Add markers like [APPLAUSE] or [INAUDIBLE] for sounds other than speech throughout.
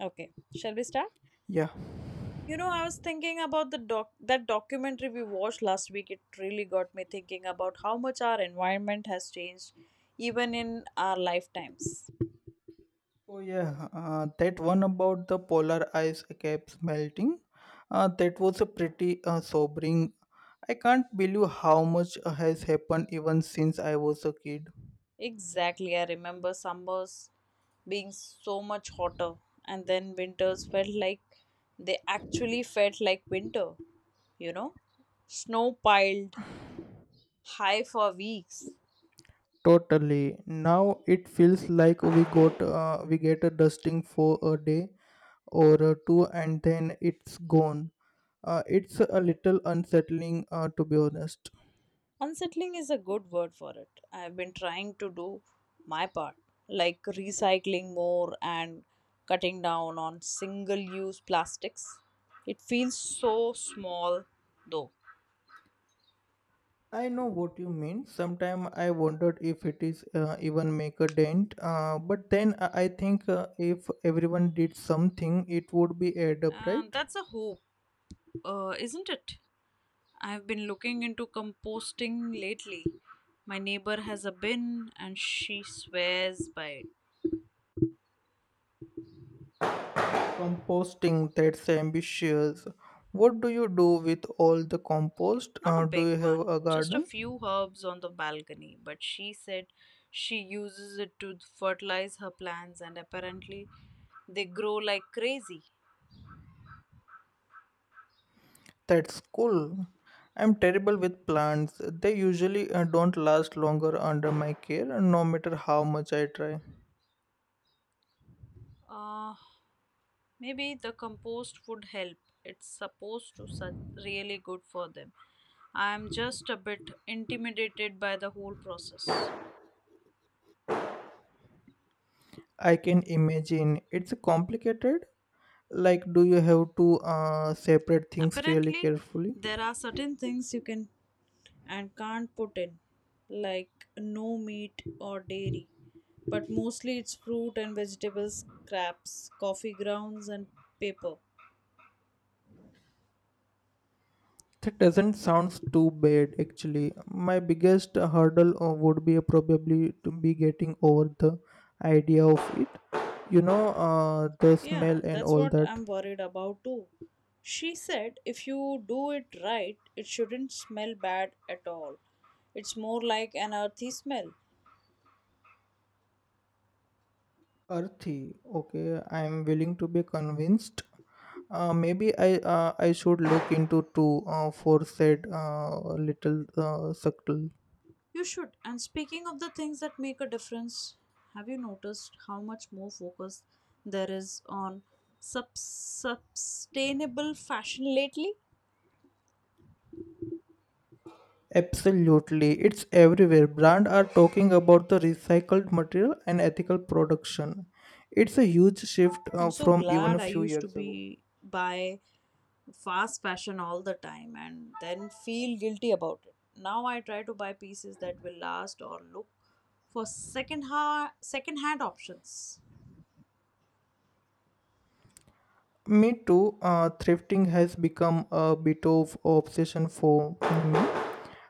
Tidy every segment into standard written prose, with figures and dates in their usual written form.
Okay, shall we start? Yeah. You know, I was thinking about the documentary we watched last week. It really got me thinking about how much our environment has changed, even in our lifetimes. Oh, yeah. That one about the polar ice caps melting, that was a pretty sobering. I can't believe how much has happened even since I was a kid. Exactly, I remember summers being so much hotter, and then winters felt like they actually felt like winter, you know? Snow piled high for weeks. Totally. Now it feels like we get a dusting for a day or two, and then it's gone. It's a little unsettling, to be honest. Unsettling is a good word for it. I've been trying to do my part, like recycling more and cutting down on single use plastics. It feels so small though. I know what you mean. Sometimes I wondered if it is even make a dent. But then I think if everyone did something, it would be add up, And right? that's a hope, isn't it? I've been looking into composting lately. My neighbor has a bin and she swears by it. Composting, that's ambitious. What do you do with all the compost? Not a Do big you have one, a just a garden? few herbs on the balcony, but she said she uses it to fertilize her plants and apparently they grow like crazy. That's cool. I'm terrible with plants. They usually don't last longer under my care, no matter how much I try. Uh, Maybe the compost would help. It's supposed to really good for them. I am just a bit intimidated by the whole process. I can imagine it's complicated. Like, do you have to separate things really Apparently, carefully? there are certain things you can and can't put in, like no meat or dairy, but mostly it's fruit and vegetables, scraps, coffee grounds, and paper. That doesn't sound too bad actually. My biggest hurdle would be probably to be getting over the idea of it, the smell Yeah, and that's all what that. I'm worried about too. She said if you do it right, it shouldn't smell bad at all. It's more like an earthy smell. Earthy, okay. I am willing to be convinced. Maybe I should look into to for said little subtle. You should. And speaking of the things that make a difference, have you noticed how much more focus there is on sustainable fashion lately? Absolutely, it's everywhere. Brands are talking about the recycled material and ethical production. It's a huge shift I'm so from even glad a I few used to years ago. be buy fast fashion all the time and then feel guilty about it. Now I try to buy pieces that will last or look for second hand options. Me too. Thrifting has become a bit of obsession for me.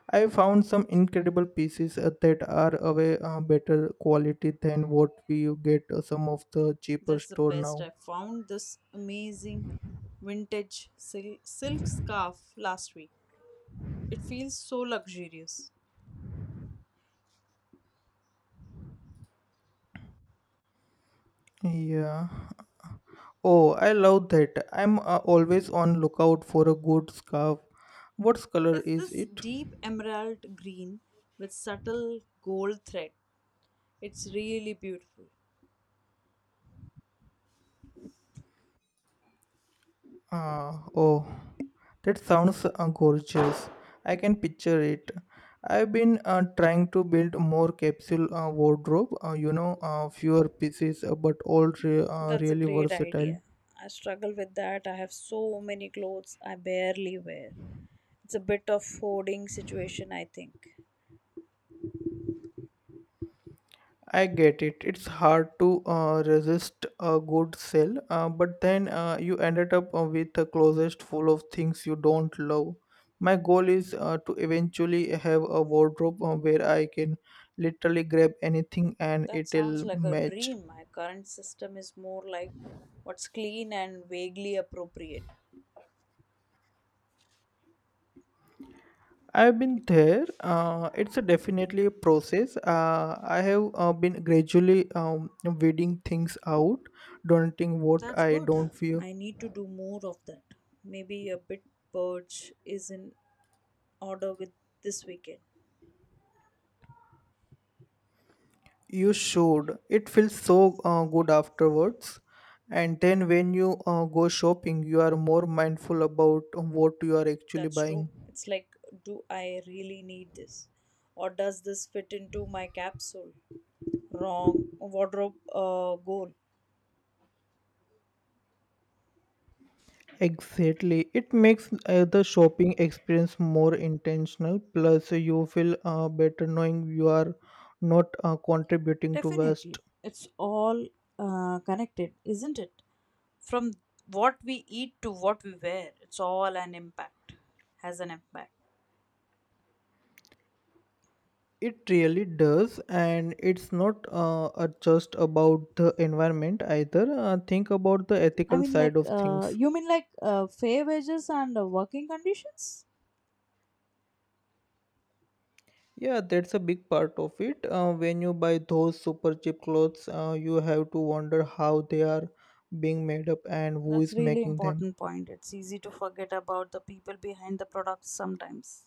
I found some incredible pieces that are of a better quality than what we get some of the cheaper That's the store best. now. I found this amazing vintage silk scarf last week. It feels so luxurious. Yeah. Oh, I love that. I'm always on lookout for a good scarf. What color It's is this it? deep emerald green with subtle gold thread. It's really beautiful. Ah, oh, that sounds gorgeous. I can picture it. I've been trying to build more capsule wardrobe, fewer pieces, but all That's a really great versatile. idea. I struggle with that. I have so many clothes I barely wear. It's a bit of hoarding situation, I think. I get it. It's hard to resist a good sale, but then you ended up with a closet full of things you don't love. My goal is to eventually have a wardrobe where I can literally grab anything and That sounds it'll like a match. dream. My current system is more like what's clean and vaguely appropriate. I've been there. It's a definitely a process. I have been gradually weeding things out, donating what That's I good. don't wear. I need to do more of that. Maybe a bit purge is in order with this weekend. You should. It feels so good afterwards. And then when you go shopping, you are more mindful about what you are actually That's true. buying. It's like, do I really need this? Or does this fit into my capsule? Wrong wardrobe goal. Exactly. It makes the shopping experience more intentional. Plus, you feel better knowing you are not contributing to waste. Definitely. It's all connected, isn't it? From what we eat to what we wear, it's all has an impact. It really does, and it's not just about the environment either. Think about the I ethical mean, like, side of things. you mean like fair wages and working conditions? Yeah, that's a big part of it. When you buy those super cheap clothes, you have to wonder how they are being made up and who That's is really making them. important point. It's easy to forget about the people behind the products sometimes.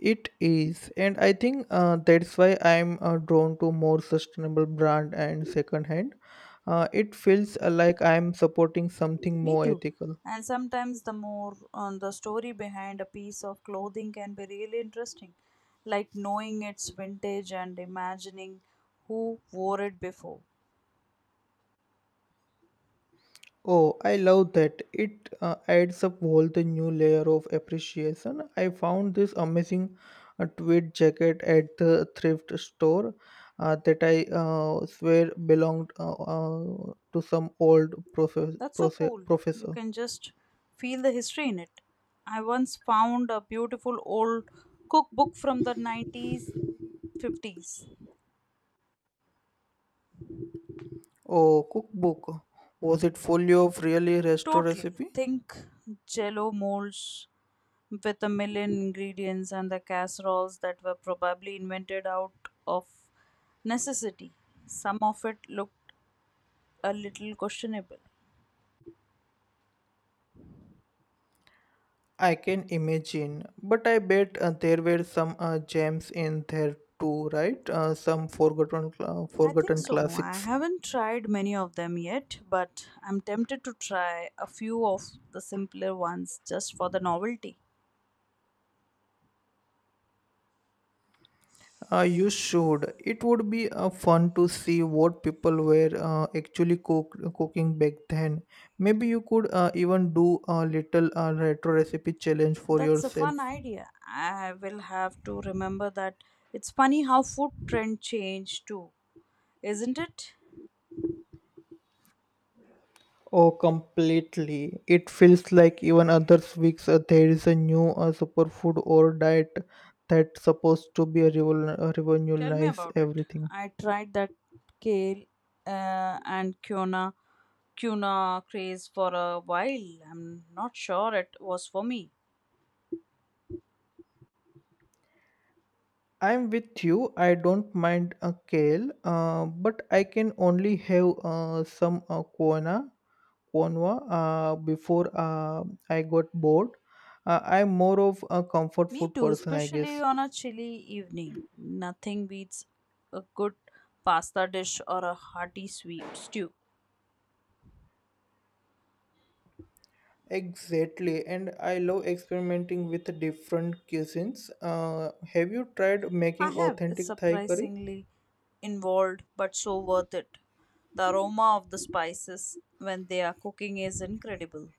It is, and I think that's why I'm drawn to more sustainable brand and secondhand. It feels like I'm supporting something Me more too. ethical. And sometimes the more on the story behind a piece of clothing can be really interesting, like knowing its vintage and imagining who wore it before. Oh, I love that. It adds up all the new layer of appreciation. I found this amazing tweed jacket at the thrift store that I swear belonged to some old That's so cool. You professor. can just feel the history in it. I once found a beautiful old cookbook from the 90s, 50s. Oh, cookbook. Was it fully of really resto Totally. recipe? Think jello molds with a million ingredients and the casseroles that were probably invented out of necessity. Some of it looked a little questionable. I can imagine. But I bet there were some gems in there too, right? Some forgotten, I think forgotten so. I classics. haven't tried many of them yet, but I'm tempted to try a few of the simpler ones just for the novelty. You should. It would be fun to see what people were actually cooking back then. Maybe you could even do a little retro recipe challenge for That's a yourself. fun idea. I will have to remember that it's funny how food trend change too, isn't it? Oh, completely. It feels like even other weeks there is a new superfood or diet that's supposed to be a Tell me revolutionize about it. everything. I tried that kale and quinoa craze for a while. I'm not sure it was for me. I'm with you. I don't mind a kale, but I can only have some quinoa one wa- before I got bored. I'm more of a comfort Me food too, person, I especially guess. on a chilly evening. Nothing beats a good pasta dish or a hearty sweet stew. Exactly, and I love experimenting with different cuisines. Have you tried I making have. It's authentic Thai curry? surprisingly involved, but so worth it. The aroma of the spices when they are cooking is incredible.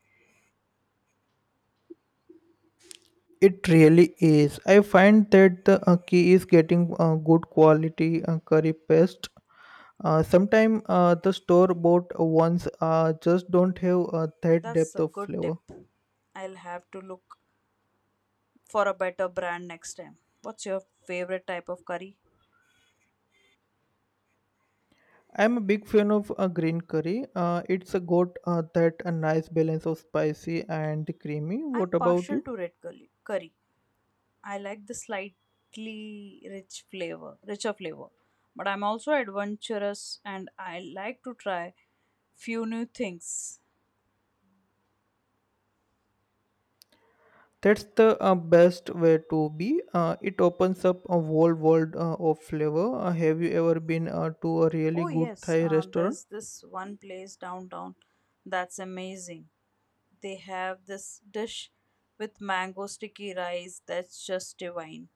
It really is. I find that the key is getting good quality curry paste. Sometimes the store bought ones just don't have that That's depth a of good flavor. tip. I'll have to look for a better brand next time. What's your favorite type of curry? I'm a big fan of green curry. It's a got that a nice balance of spicy and creamy. I'm What about partial you? to red curry. I like the slightly richer flavor. But I'm also adventurous and I like to try few new things. That's the best way to be. It opens up a whole world of flavor. Have you ever been to a really Oh good yes, Thai restaurant? there's this one place downtown that's amazing. They have this dish with mango sticky rice that's just divine.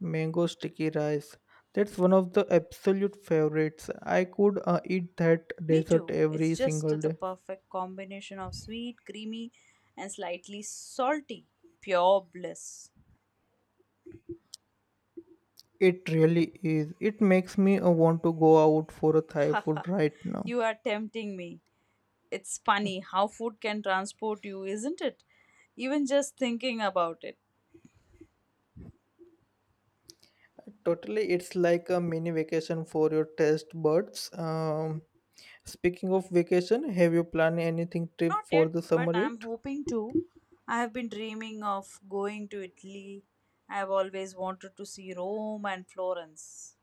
Mango sticky rice. That's one of the absolute favorites. I could eat that Me dessert too. It's every just single the day. perfect combination of sweet, creamy, and slightly salty. Pure bliss. It really is. It makes me want to go out for a [LAUGHS] Thai Haha, food right now. you are tempting me. It's funny how food can transport you, isn't it? Even just thinking about it. Totally, it's like a mini vacation for your test buds. Speaking of vacation, have you planned anything trip Not for yet, the but summer yet? I'm hoping to. I have been dreaming of going to Italy. I have always wanted to see Rome and Florence.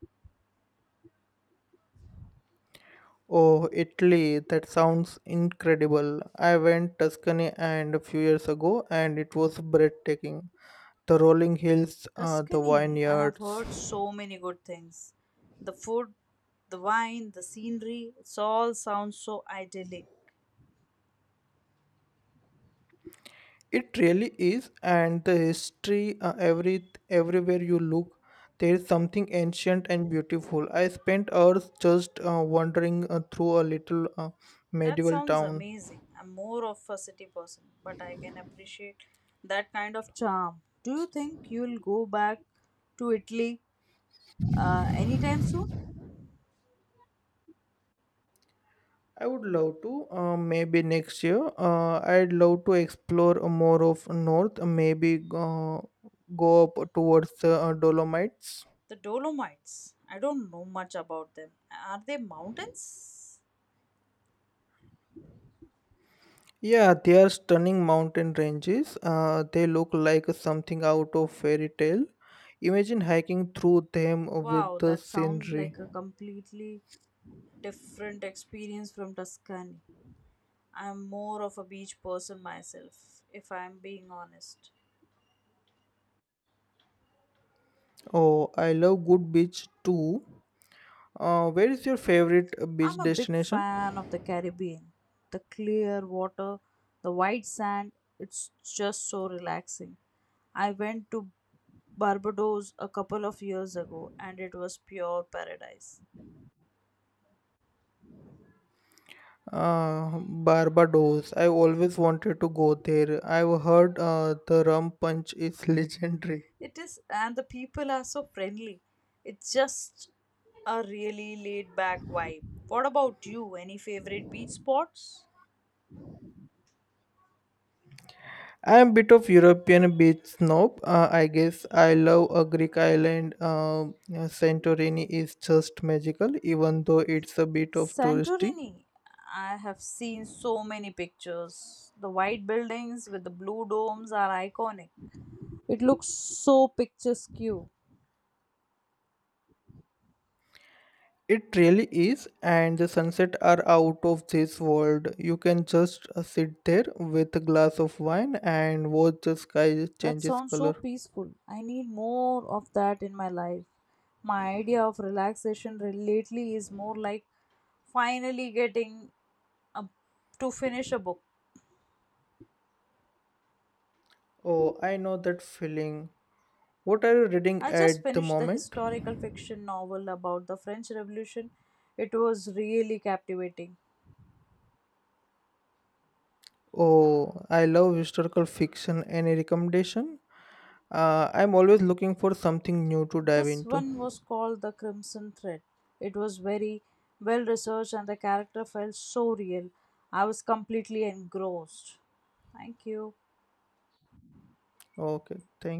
Oh, Italy, that sounds incredible. I went Tuscany and a few years ago and it was breathtaking. The rolling hills, the Tuscany, I have vineyards. heard so many good things. The food, the wine, the scenery, it all sounds so idyllic. It really is, and the history everywhere you look, there is something ancient and beautiful. I spent hours just wandering through a little That medieval sounds town. amazing. I'm more of a city person, but I can appreciate that kind of charm. Do you think you'll go back to Italy anytime soon? I would love to. Maybe next year. I'd love to explore more of north. Maybe go up towards the Dolomites. The Dolomites. I don't know much about them. Are they mountains? Yeah, they are stunning mountain ranges. They look like something out of fairy tale. Imagine hiking through them with Wow, the that sounds scenery. like a completely different experience from Tuscany. I'm more of a beach person myself, if I'm being honest. Oh, I love good beach too. Where is your favorite I'm beach a big destination? fan of the Caribbean. The clear water, the white sand, it's just so relaxing. I went to Barbados a couple of years ago and it was pure paradise. Barbados. I always wanted to go there. I've heard the rum punch is [LAUGHS] legendary. It is, and the people are so friendly. It's just a really laid back vibe. What about you? Any favorite beach spots? I'm a bit of European beach snob. I guess I love a Greek island. Santorini is just magical, even though it's a bit of touristy. Santorini. I have seen so many pictures. The white buildings with the blue domes are iconic. It looks so picturesque. It really is, and the sunset are out of this world. You can just sit there with a glass of wine and watch the sky That changes sounds so color. peaceful. I need more of that in my life. My idea of relaxation lately is more like finally getting a, to finish a book. Oh, I know that feeling. What are you reading I just at the finished the moment? historical fiction novel about the French Revolution. It was really captivating. Oh, I love historical fiction. Any recommendation? I'm always looking for something new to dive This into. one was called The Crimson Thread. It was very well researched and the character felt so real. I was completely engrossed. Thank you. Okay, thank